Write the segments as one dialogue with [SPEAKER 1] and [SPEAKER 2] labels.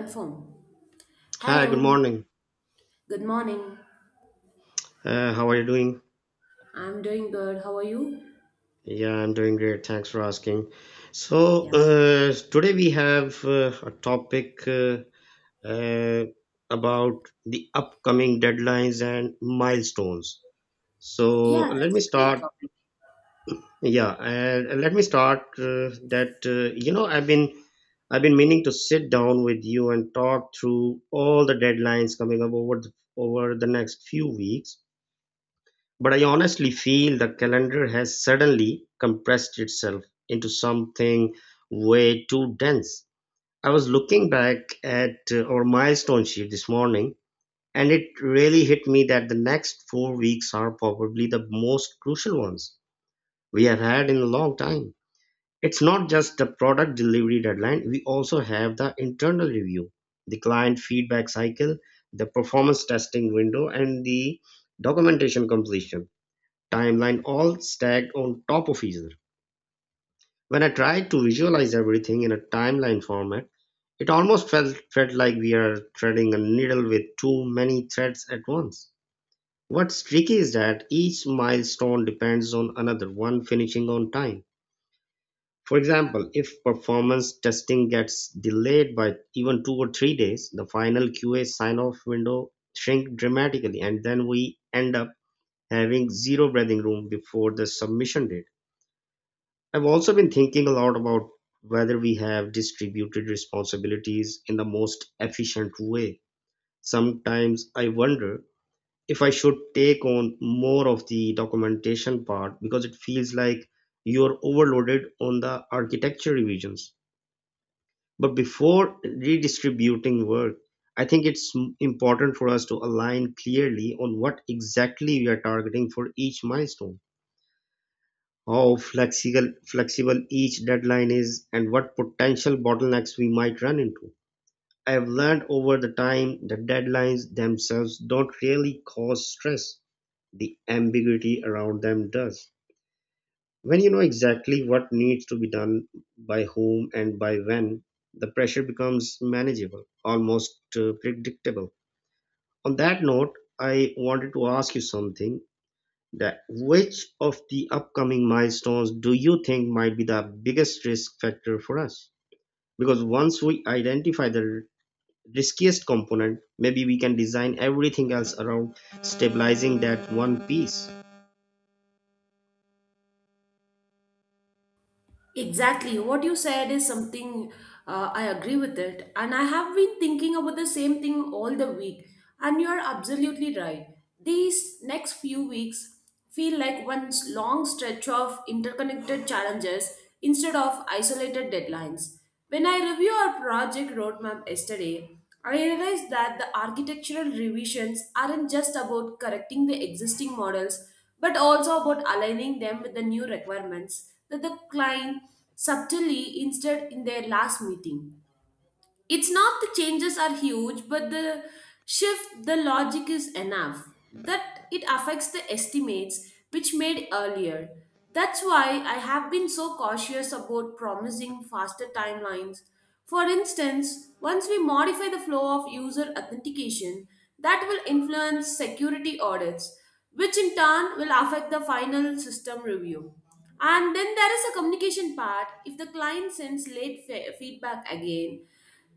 [SPEAKER 1] My phone.
[SPEAKER 2] Hi, good
[SPEAKER 1] Hello,
[SPEAKER 2] morning.
[SPEAKER 1] good morning.
[SPEAKER 2] How are you doing?
[SPEAKER 1] I'm doing good. How are you?
[SPEAKER 2] Yeah, I'm doing great. Thanks for asking. So,
[SPEAKER 1] Yeah.
[SPEAKER 2] today we have a topic uh, about the upcoming deadlines and milestones. So,
[SPEAKER 1] Yeah, that's
[SPEAKER 2] let me
[SPEAKER 1] a great
[SPEAKER 2] start.
[SPEAKER 1] topic.
[SPEAKER 2] Yeah, let me start that I've been meaning to sit down with you and talk through all the deadlines coming up over over the next few weeks. But I honestly feel the calendar has suddenly compressed itself into something way too dense. I was looking back at our milestone sheet this morning, and it really hit me that the next 4 weeks are probably the most crucial ones we have had in a long time. It's not just the product delivery deadline, we also have the internal review, the client feedback cycle, the performance testing window, and the documentation completion timeline all stacked on top of each other. When I tried to visualize everything in a timeline format, it almost felt like we are threading a needle with too many threads at once. What's tricky is that each milestone depends on another one finishing on time. For example, if performance testing gets delayed by even 2 or 3 days, the final QA sign off window shrinks dramatically, and then we end up having zero breathing room before the submission date. I've also been thinking a lot about whether we have distributed responsibilities in the most efficient way. Sometimes I wonder if I should take on more of the documentation part because it feels like you're overloaded on the architecture revisions. But before redistributing work, I think important for us to align clearly on what exactly we are targeting for each milestone, how flexible each deadline is, and what potential bottlenecks we might run into. I've learned over the time that deadlines themselves don't really cause stress. The ambiguity around them does. When you know exactly what needs to be done by whom and by when, the pressure becomes manageable, almost predictable. On that note, I wanted to ask you something. That which of the upcoming milestones do you think might be the biggest risk factor for us? Because once we identify the riskiest component, maybe we can design everything else around stabilizing that one piece.
[SPEAKER 1] Exactly. What you said is something I agree with it. And I have been thinking about the same thing all the week. And you're absolutely right. These next few weeks feel like one long stretch of interconnected challenges instead of isolated deadlines. When I review our project roadmap yesterday, I realized that the architectural revisions aren't just about correcting the existing models, but also about aligning them with the new requirements that the client subtly insisted in their last meeting. It's not the changes are huge, but the shift the logic is enough that it affects the estimates which made earlier. That's why I have been so cautious about promising faster timelines. For instance, once we modify the flow of user authentication, that will influence security audits, which in turn will affect the final system review. And then there is a communication part. If the client sends late feedback again,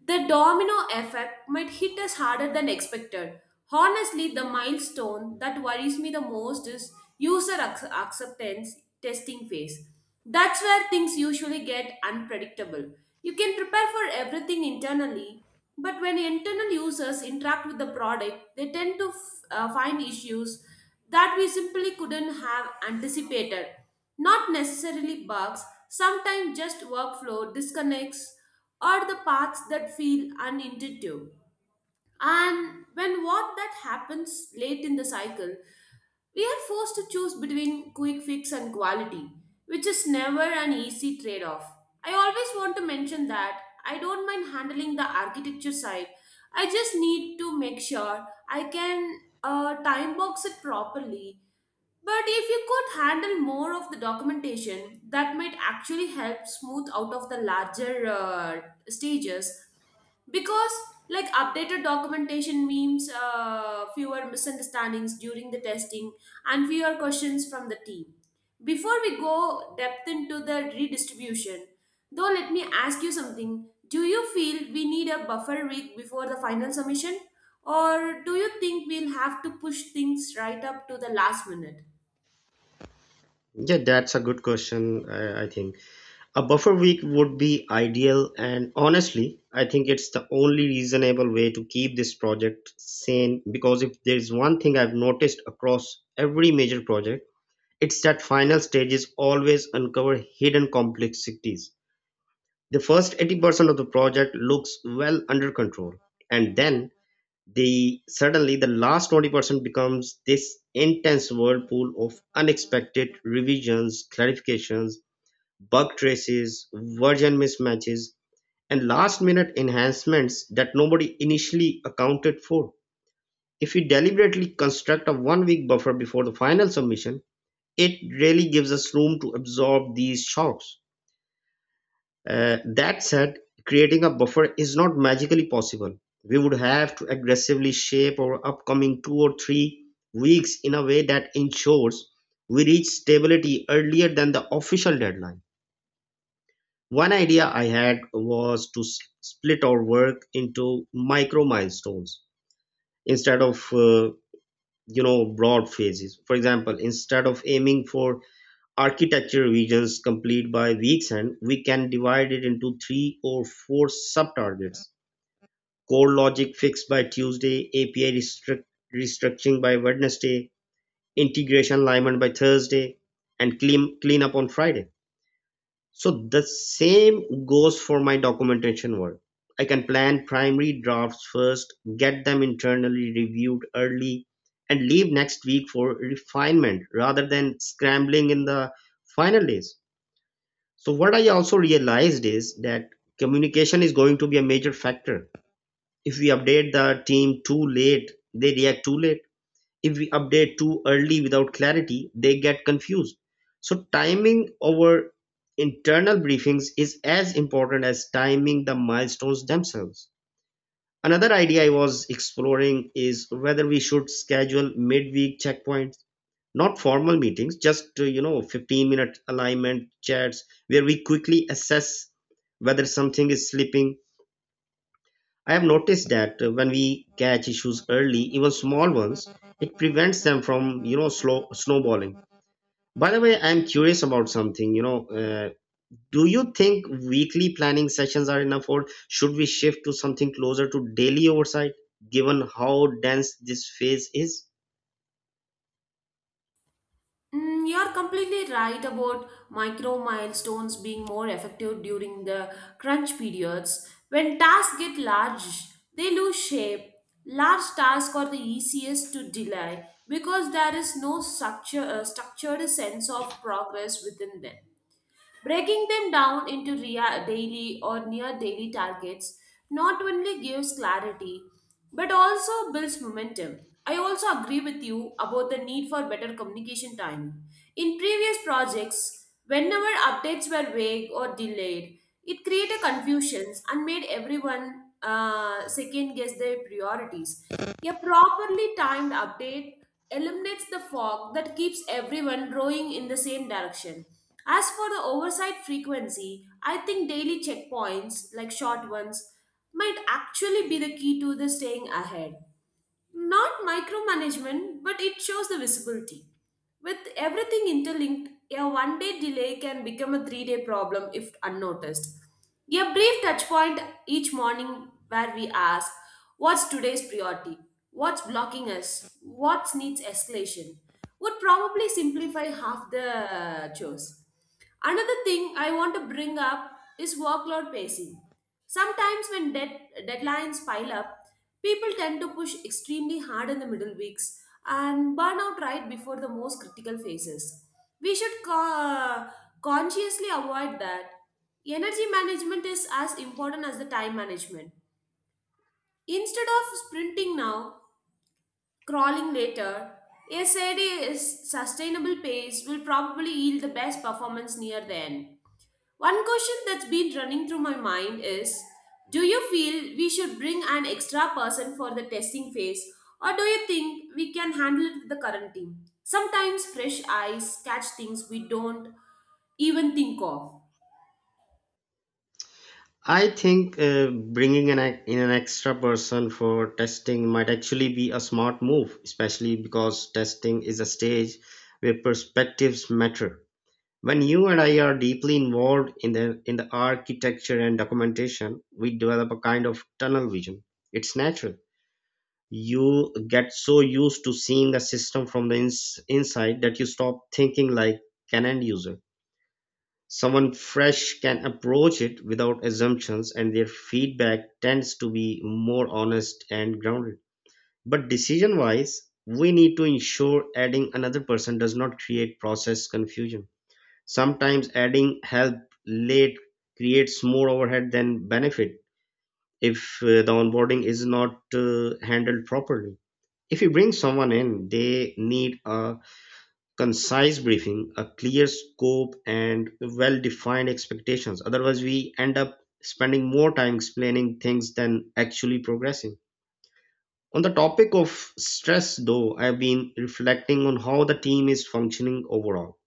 [SPEAKER 1] the domino effect might hit us harder than expected. Honestly, the milestone that worries me the most is user acceptance testing phase. That's where things usually get unpredictable. You can prepare for everything internally, but when internal users interact with the product, they tend to find issues that we simply couldn't have anticipated. Not necessarily bugs, sometimes just workflow disconnects or the paths that feel unintuitive. And when what that happens late in the cycle, we are forced to choose between quick fix and quality, which is never an easy trade off. I always want to mention that I don't mind handling the architecture side. I just need to make sure I can time box it properly. But if you could handle more of the documentation, that might actually help smooth out of the larger stages, because like updated documentation means fewer misunderstandings during the testing and fewer questions from the team. Before we go depth into the redistribution though, let me ask you something. Do you feel we need a buffer week before the final submission, or do you think we'll have to push things right up to the last minute?
[SPEAKER 2] Yeah, that's a good question. I think a buffer week would be ideal, and honestly, I think it's the only reasonable way to keep this project sane. Because if there's one thing I've noticed across every major project, it's that final stages always uncover hidden complexities. The first 80% of the project looks well under control, and then the suddenly the last 20% becomes this intense whirlpool of unexpected revisions, clarifications, bug traces, version mismatches, and last minute enhancements that nobody initially accounted for. If you deliberately construct a 1 week buffer before the final submission, it really gives us room to absorb these shocks. That said, creating a buffer is not magically possible. We would have to aggressively shape our upcoming 2 or 3 weeks in a way that ensures we reach stability earlier than the official deadline. One idea I had was to split our work into micro milestones instead of broad phases. For example, instead of aiming for architecture regions complete by weeks end, we can divide it into three or four sub-targets. Core logic fixed by Tuesday, restructuring by Wednesday, integration alignment by Thursday, and cleanup on Friday. So the same goes for my documentation work. I can plan primary drafts first, get them internally reviewed early, and leave next week for refinement rather than scrambling in the final days. So what I also realized is that communication is going to be a major factor. If we update the team too late, they react too late. If we update too early without clarity, they get confused. So timing our internal briefings is as important as timing the milestones themselves. Another idea I was exploring is whether we should schedule midweek checkpoints, not formal meetings, just 15-minute alignment chats where we quickly assess whether something is slipping. I have noticed that when we catch issues early, even small ones, it prevents them from slow snowballing. By the way, I'm curious about something. Do you think weekly planning sessions are enough or should we shift to something closer to daily oversight given how dense this phase is?
[SPEAKER 1] Mm, you're completely right about micro milestones being more effective during the crunch periods. When tasks get large, they lose shape. Large tasks are the easiest to delay because there is no structured sense of progress within them. Breaking them down into daily or near daily targets not only gives clarity but also builds momentum. I also agree with you about the need for better communication time. In previous projects, whenever updates were vague or delayed, it created confusions and made everyone second guess their priorities. A properly timed update eliminates the fog that keeps everyone rowing in the same direction. As for the oversight frequency, I think daily checkpoints, like short ones, might actually be the key to the staying ahead. Not micromanagement, but it shows the visibility. With everything interlinked, a 1 day delay can become a 3 day problem if unnoticed. A brief touch point each morning where we ask, "What's today's priority? What's blocking us? What needs escalation?" would probably simplify half the chores. Another thing I want to bring up is workload pacing. Sometimes, deadlines pile up, people tend to push extremely hard in the middle weeks and burn out right before the most critical phases. We should consciously avoid that. Energy management is as important as the time management. Instead of sprinting now, crawling later, a steady, sustainable pace will probably yield the best performance near the end. One question that's been running through my mind is, do you feel we should bring an extra person for the testing phase, or do you think we can handle it with the current team? Sometimes fresh eyes catch things we don't even think of.
[SPEAKER 2] I think bringing in an extra person for testing might actually be a smart move, especially because testing is a stage where perspectives matter. When you and I are deeply involved in the architecture and documentation, we develop a kind of tunnel vision. It's natural. You get so used to seeing a system from the inside that you stop thinking like an end user. Someone fresh can approach it without assumptions, and their feedback tends to be more honest and grounded. But decision wise, we need to ensure adding another person does not create process confusion. Sometimes adding help late creates more overhead than benefit if the onboarding is not handled properly. If you bring someone in, they need a concise briefing, a clear scope, and well defined expectations. Otherwise, we end up spending more time explaining things than actually progressing. On the topic of stress, though, I've been reflecting on how the team is functioning overall.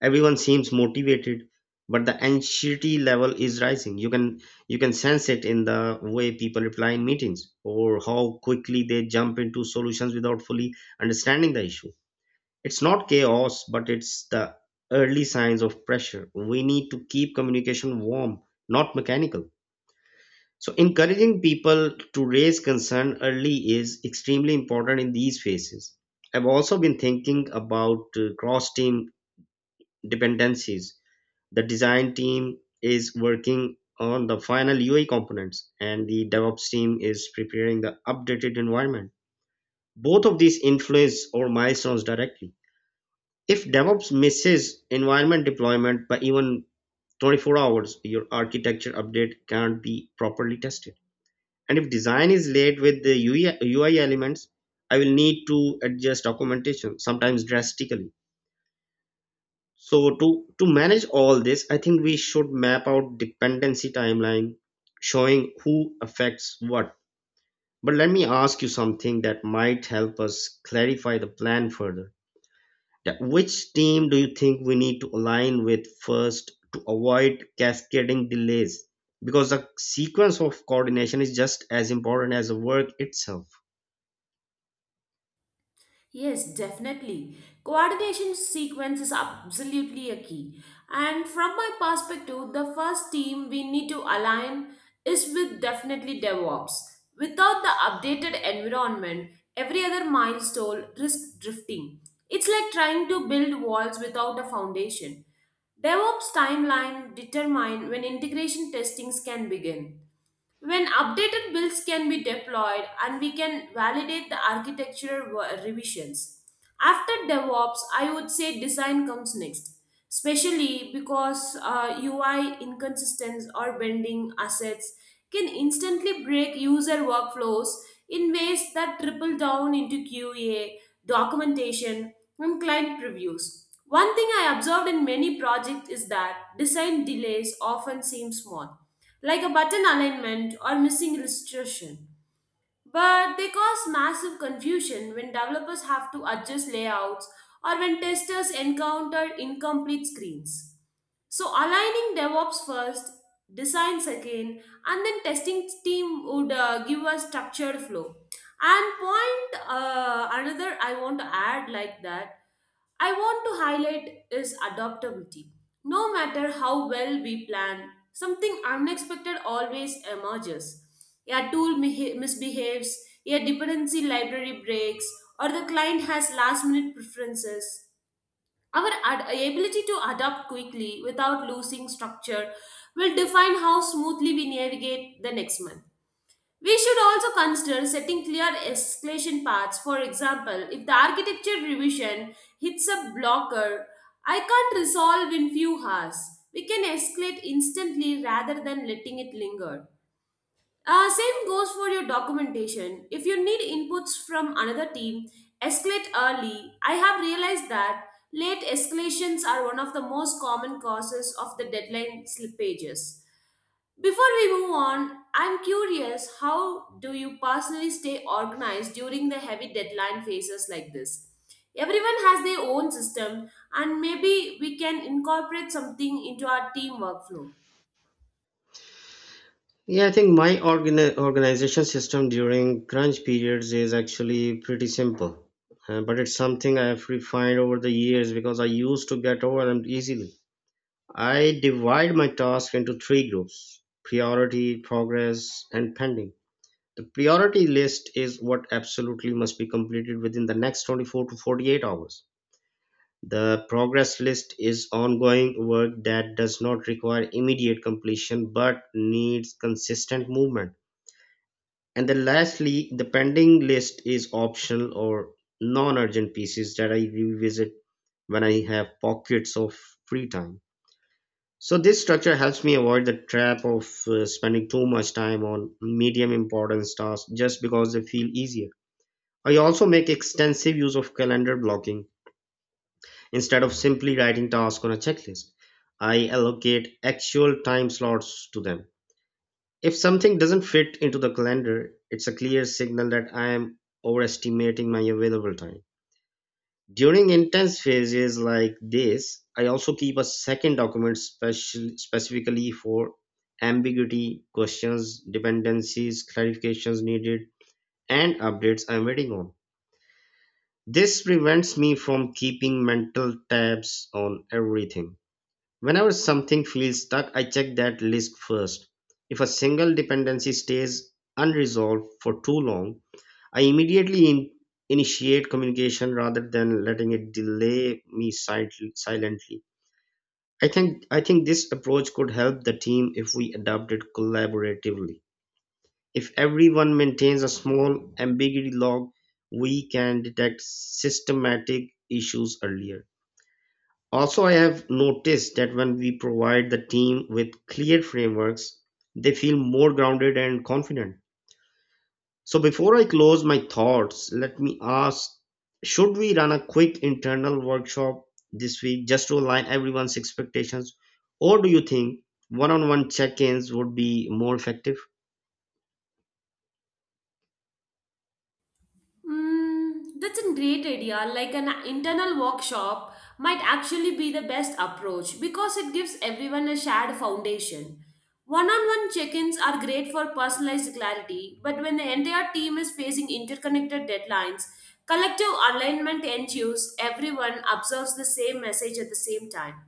[SPEAKER 2] Everyone seems motivated, but the anxiety level is rising. You can sense it in the way people reply in meetings or how quickly they jump into solutions without fully understanding the issue. It's not chaos, but it's the early signs of pressure. We need to keep communication warm, not mechanical. So encouraging people to raise concern early is extremely important in these phases. I've also been thinking about cross team dependencies. The design team is working on the final UI components, and the DevOps team is preparing the updated environment. Both of these influence our milestones directly. If DevOps misses environment deployment by even 24 hours, your architecture update can't be properly tested. And if design is late with the UI, elements, I will need to adjust documentation, sometimes drastically. So to manage all this, I think we should map out dependency timeline, showing who affects what. But let me ask you something that might help us clarify the plan further. That which team do you think we need to align with first to avoid cascading delays? Because the sequence of coordination is just as important as the work itself.
[SPEAKER 1] Yes, definitely. Coordination sequence is absolutely a key. And from my perspective, the first team we need to align is with definitely DevOps. Without the updated environment, every other milestone risks drifting. It's like trying to build walls without a foundation. DevOps timeline determine when integration testings can begin, when updated builds can be deployed and we can validate the architectural revisions. After DevOps, I would say design comes next, especially because UI inconsistencies or bending assets can instantly break user workflows in ways that triple down into QA, documentation, and client previews. One thing I observed in many projects is that design delays often seem small, like a button alignment or missing illustration. But they cause massive confusion when developers have to adjust layouts or when testers encounter incomplete screens. So aligning DevOps first, design second, and then testing team would give a structured flow. And point another I want to highlight is adaptability. No matter how well we plan, something unexpected always emerges. A tool misbehaves, a dependency library breaks, or the client has last minute preferences. Our ability to adapt quickly without losing structure will define how smoothly we navigate the next month. We should also consider setting clear escalation paths. For example, if the architecture revision hits a blocker I can't resolve in few hours, we can escalate instantly rather than letting it linger. Same goes for your documentation. If you need inputs from another team, escalate early. I have realized that late escalations are one of the most common causes of the deadline slippages. Before we move on, I'm curious, how do you personally stay organized during the heavy deadline phases like this? Everyone has their own system, and maybe we can incorporate something into our team workflow.
[SPEAKER 2] Yeah, I think my organization system during crunch periods is actually pretty simple, but it's something I have refined over the years because I used to get overwhelmed easily. I divide my tasks into three groups: priority, progress, and pending. The priority list is what absolutely must be completed within the next 24 to 48 hours. The progress list is ongoing work that does not require immediate completion but needs consistent movement, and then lastly, the pending list is optional or non-urgent pieces that I revisit when I have pockets of free time. So this structure helps me avoid the trap of spending too much time on medium importance tasks just because they feel easier. I also make extensive use of calendar blocking instead of simply writing tasks on a checklist. I allocate actual time slots to them. If something doesn't fit into the calendar, it's a clear signal that I am overestimating my available time. During intense phases like this, I also keep a second document specifically for ambiguity, questions, dependencies, clarifications needed, and updates I'm waiting on. This prevents me from keeping mental tabs on everything. Whenever something feels stuck, I check that list first. If a single dependency stays unresolved for too long, I immediately initiate communication rather than letting it delay me silently. I think this approach could help the team if we adopt it collaboratively. If everyone maintains a small ambiguity log, we can detect systematic issues earlier. Also, I have noticed that when we provide the team with clear frameworks, they feel more grounded and confident. So, before I close my thoughts, let me ask, should we run a quick internal workshop this week just to align everyone's expectations? Or do you think one on one check ins would be more effective?
[SPEAKER 1] Mm, that's a great idea. Like an internal workshop might actually be the best approach because it gives everyone a shared foundation. One on one check ins are great for personalized clarity, but when the entire team is facing interconnected deadlines, collective alignment ensures everyone observes the same message at the same time.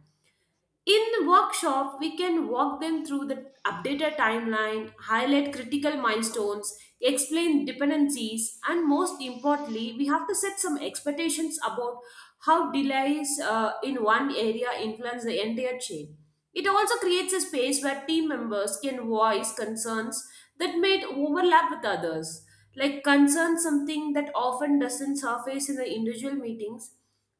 [SPEAKER 1] In the workshop, we can walk them through the updated timeline, highlight critical milestones, explain dependencies, and most importantly, we have to set some expectations about how delays in one area influence the entire chain. It also creates a space where team members can voice concerns that may overlap with others, like concerns something that often doesn't surface in the individual meetings.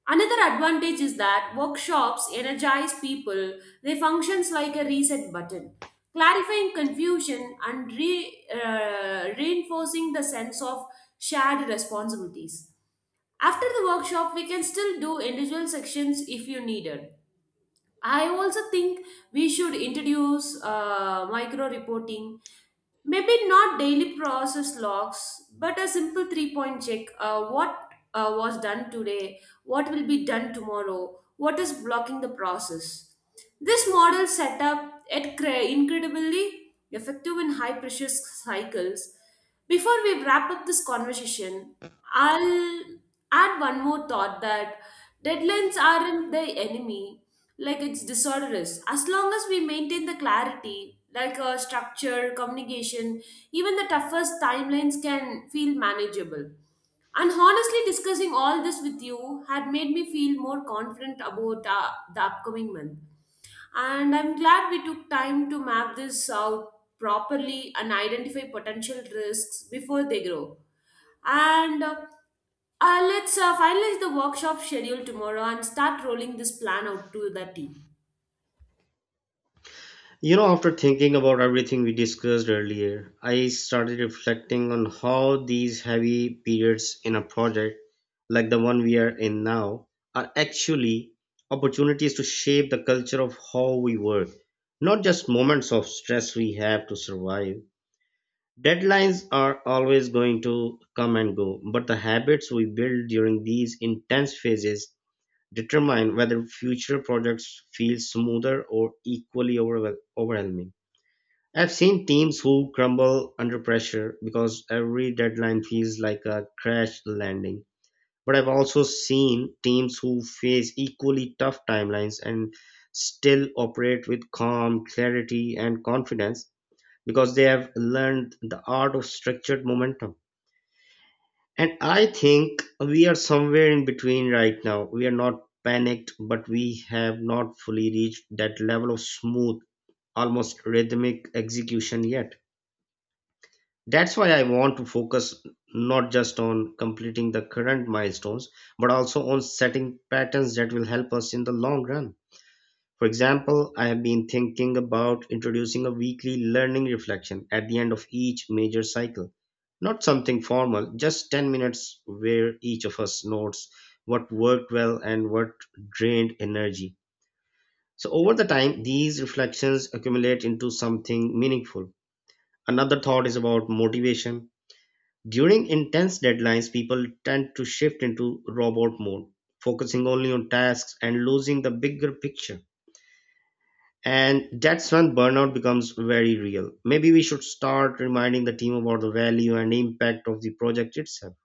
[SPEAKER 1] Another advantage is that workshops energize people, they functions like a reset button, clarifying confusion and reinforcing the sense of shared responsibilities. After the workshop, we can still do individual sections if you needed. I also think we should introduce micro reporting, maybe not daily process logs, but a simple 3 point check, what was done today, what will be done tomorrow, what is blocking the process. This model setup it incredibly effective in high pressure cycles. Before we wrap up this conversation, I'll add one more thought that deadlines aren't the enemy, like it's disorder is. As long as we maintain the clarity, like a structure, communication, even the toughest timelines can feel manageable. And honestly, discussing all this with you had made me feel more confident about the upcoming month. And I'm glad we took time to map this out properly and identify potential risks before they grow. And let's finalize the workshop schedule tomorrow and start rolling this plan out to the team.
[SPEAKER 2] You know, after thinking about everything we discussed earlier, I started reflecting on how these heavy periods in a project, like the one we are in now, are actually opportunities to shape the culture of how we work, not just moments of stress we have to survive. Deadlines are always going to come and go, but the habits we build during these intense phases determine whether future projects feel smoother or equally overwhelming. I've seen teams who crumble under pressure because every deadline feels like a crash landing. But I've also seen teams who face equally tough timelines and still operate with calm, clarity, and confidence because they have learned the art of structured momentum. And I think we are somewhere in between right now. We are not panicked, but we have not fully reached that level of smooth, almost rhythmic execution yet. That's why I want to focus not just on completing the current milestones, but also on setting patterns that will help us in the long run. For example, I have been thinking about introducing a weekly learning reflection at the end of each major cycle. Not something formal, just 10 minutes where each of us notes what worked well and what drained energy. So, over the time, these reflections accumulate into something meaningful. Another thought is about motivation during intense deadlines, people tend to shift into robot mode, focusing only on tasks and losing the bigger picture. And that's when burnout becomes very real. Maybe we should start reminding the team about the value and impact of the project itself.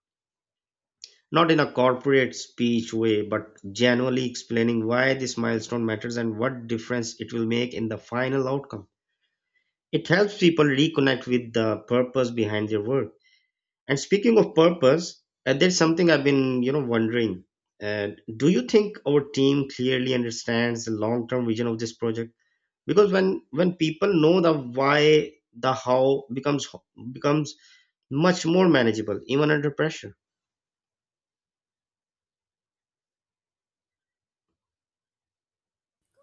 [SPEAKER 2] Not in a corporate speech way, but genuinely explaining why this milestone matters and what difference it will make in the final outcome. It helps people reconnect with the purpose behind their work. And speaking of purpose, there's something I've been wondering. Uh, do you think our team clearly understands the long-term vision of this project? Because when people know the why, the how becomes much more manageable, even under pressure.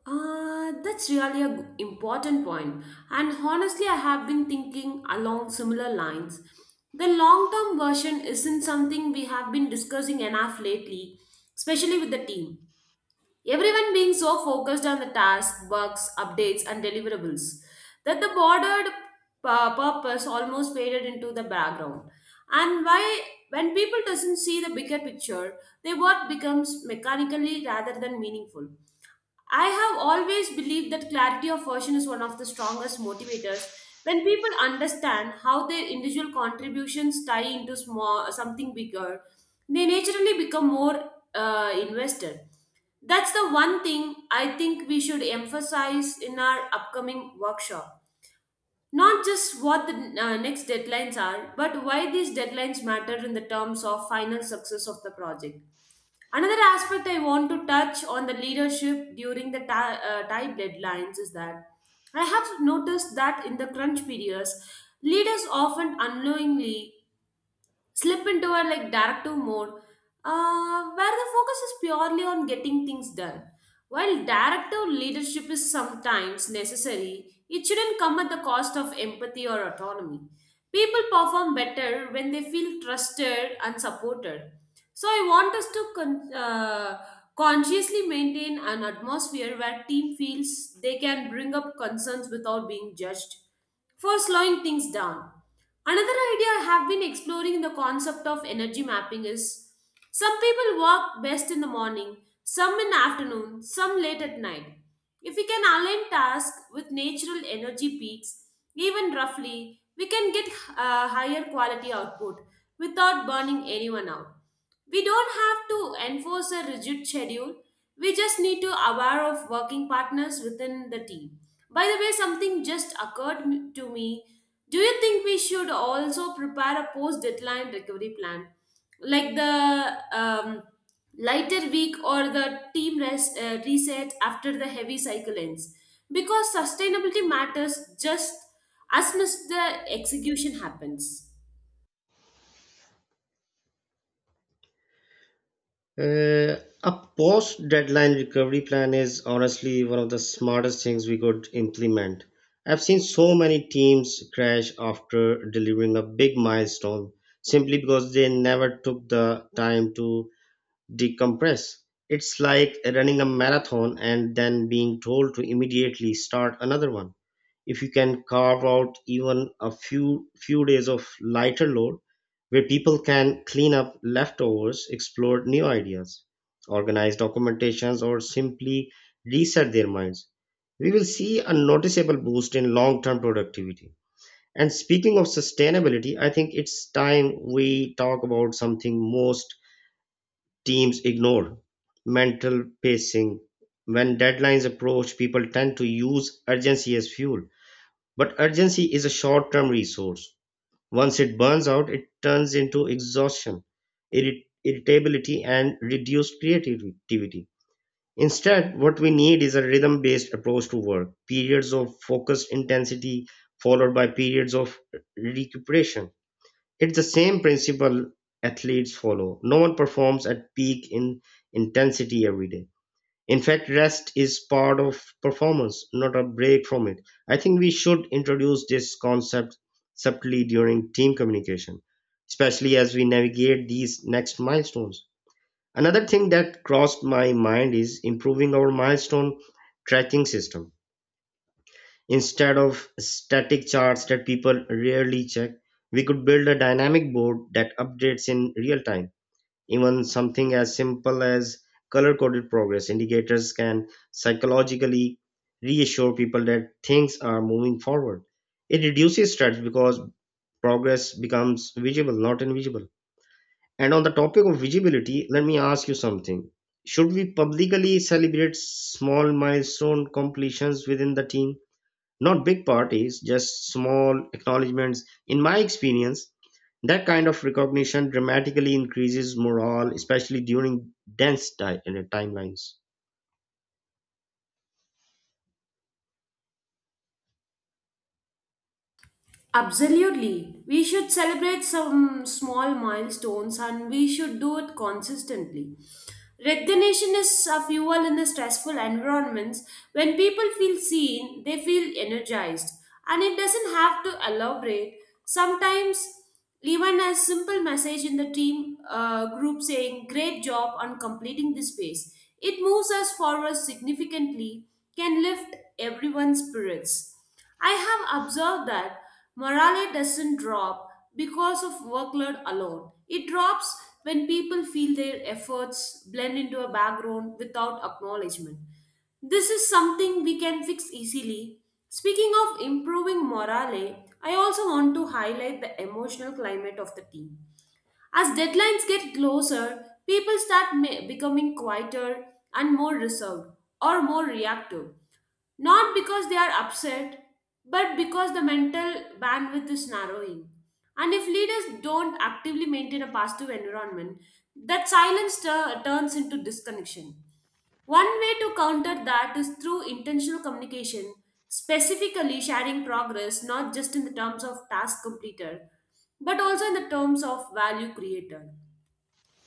[SPEAKER 1] That's really a important point. And honestly, I have been thinking along similar lines. The long term version isn't something we have been discussing enough lately, especially with the team. Everyone being so focused on the task, bugs, updates, and deliverables that the bordered purpose almost faded into the background. And why, when people doesn't see the bigger picture, their work becomes mechanically rather than meaningful. I have always believed that clarity of version is one of the strongest motivators. When people understand how their individual contributions tie into small, something bigger, they naturally become more invested. That's the one thing I think we should emphasize in our upcoming workshop. Not just what the next deadlines are, but why these deadlines matter in the terms of final success of the project. Another aspect I want to touch on the leadership during the tight deadlines is that I have noticed that in the crunch periods, leaders often unknowingly slip into a like directive mode, where the focus is purely on getting things done. While directive leadership is sometimes necessary, it shouldn't come at the cost of empathy or autonomy. People perform better when they feel trusted and supported. So I want us to consciously maintain an atmosphere where team feels they can bring up concerns without being judged for slowing things down. Another idea I have been exploring in the concept of energy mapping is some people work best in the morning, some in the afternoon, some late at night. If we can align tasks with natural energy peaks, even roughly, we can get higher quality output without burning anyone out. We don't have to enforce a rigid schedule. We just need to aware of working partners within the team. By the way, something just occurred to me. Do you think we should also prepare a post deadline recovery plan? Like the lighter week or the team reset after the heavy cycle ends. Because sustainability matters just as much the execution happens.
[SPEAKER 2] Uh, a post deadline recovery plan is honestly one of the smartest things we could implement. I've seen so many teams crash after delivering a big milestone simply because they never took the time to decompress. It's like running a marathon and then being told to immediately start another one. If you can carve out even a few days of lighter load where people can clean up leftovers, explore new ideas, organize documentations or simply reset their minds, we will see a noticeable boost in long-term productivity. And speaking of sustainability, I think it's time we talk about something most teams ignore: mental pacing. When deadlines approach, people tend to use urgency as fuel. But urgency is a short term resource. Once it burns out, it turns into exhaustion, irritability, and reduced creativity. Instead, what we need is a rhythm based approach to work: periods of focused intensity followed by periods of recuperation. It's the same principle athletes follow. No one performs at peak in intensity every day. In fact, rest is part of performance, not a break from it. I think we should introduce this concept subtly during team communication, especially as we navigate these next milestones. Another thing that crossed my mind is improving our milestone tracking system. Instead of static charts that people rarely check, we could build a dynamic board that updates in real time. Even something as simple as color coded progress indicators can psychologically reassure people that things are moving forward. It reduces stress because progress becomes visible, not invisible. And on the topic of visibility, let me ask you something. Should we publicly celebrate small milestone completions within the team? Not big parties, just small acknowledgments. In my experience, that kind of recognition dramatically increases morale, especially during dense timelines.
[SPEAKER 1] Absolutely. We should celebrate some small milestones and we should do it consistently. Recognition is a fuel in the stressful environments. When people feel seen, they feel energized. And it doesn't have to elaborate. Sometimes, even a simple message in the team group saying, "Great job on completing this phase, it moves us forward significantly," can lift everyone's spirits. I have observed that morale doesn't drop because of workload alone. It drops when people feel their efforts blend into a background without acknowledgement. This is something we can fix easily. Speaking of improving morale, I also want to highlight the emotional climate of the team. As deadlines get closer, people start becoming quieter and more reserved or more reactive. Not because they are upset, but because the mental bandwidth is narrowing. And if leaders don't actively maintain a positive environment, that silence turns into disconnection. One way to counter that is through intentional communication, specifically sharing progress not just in the terms of task completed, but also in the terms of value created.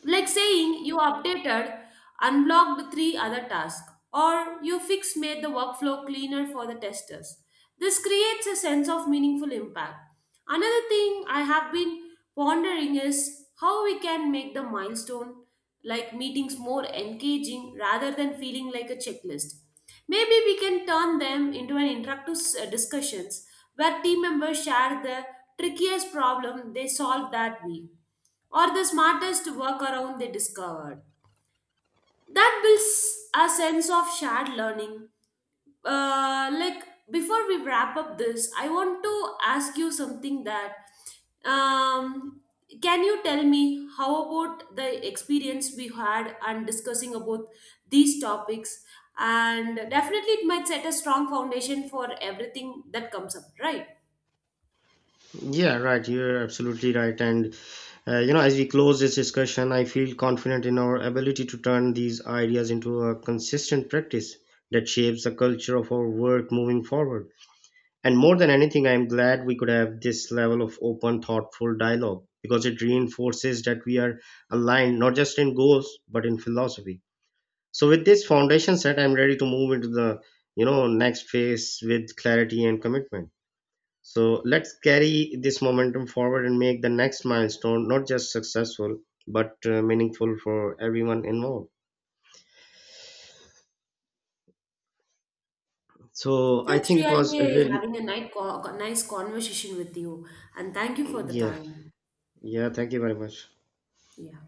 [SPEAKER 1] Like saying you updated, unblocked three other tasks, or you fix made the workflow cleaner for the testers. This creates a sense of meaningful impact. Another thing I have been pondering is how we can make the milestone like meetings more engaging rather than feeling like a checklist. Maybe we can turn them into an interactive discussions where team members share the trickiest problem they solved that week or the smartest workaround they discovered. That builds a sense of shared learning. Uh, like Before we wrap up this, I want to ask you something that um, can you tell me how about the experience we had and discussing about these topics? And definitely, it might set a strong foundation for everything that comes up, right?
[SPEAKER 2] Yeah, right. You're absolutely right. And as we close this discussion, I feel confident in our ability to turn these ideas into a consistent practice that shapes the culture of our work moving forward. And more than anything, I'm glad we could have this level of open, thoughtful dialogue because it reinforces that we are aligned not just in goals but in philosophy. So with this foundation set, I'm ready to move into the next phase with clarity and commitment. So let's carry this momentum forward and make the next milestone not just successful but meaningful for everyone involved. So I
[SPEAKER 1] That's
[SPEAKER 2] think it was a
[SPEAKER 1] really
[SPEAKER 2] really
[SPEAKER 1] having a nice conversation with you, and thank you for the
[SPEAKER 2] yeah
[SPEAKER 1] time.
[SPEAKER 2] yeah. Thank you very much.
[SPEAKER 1] Yeah.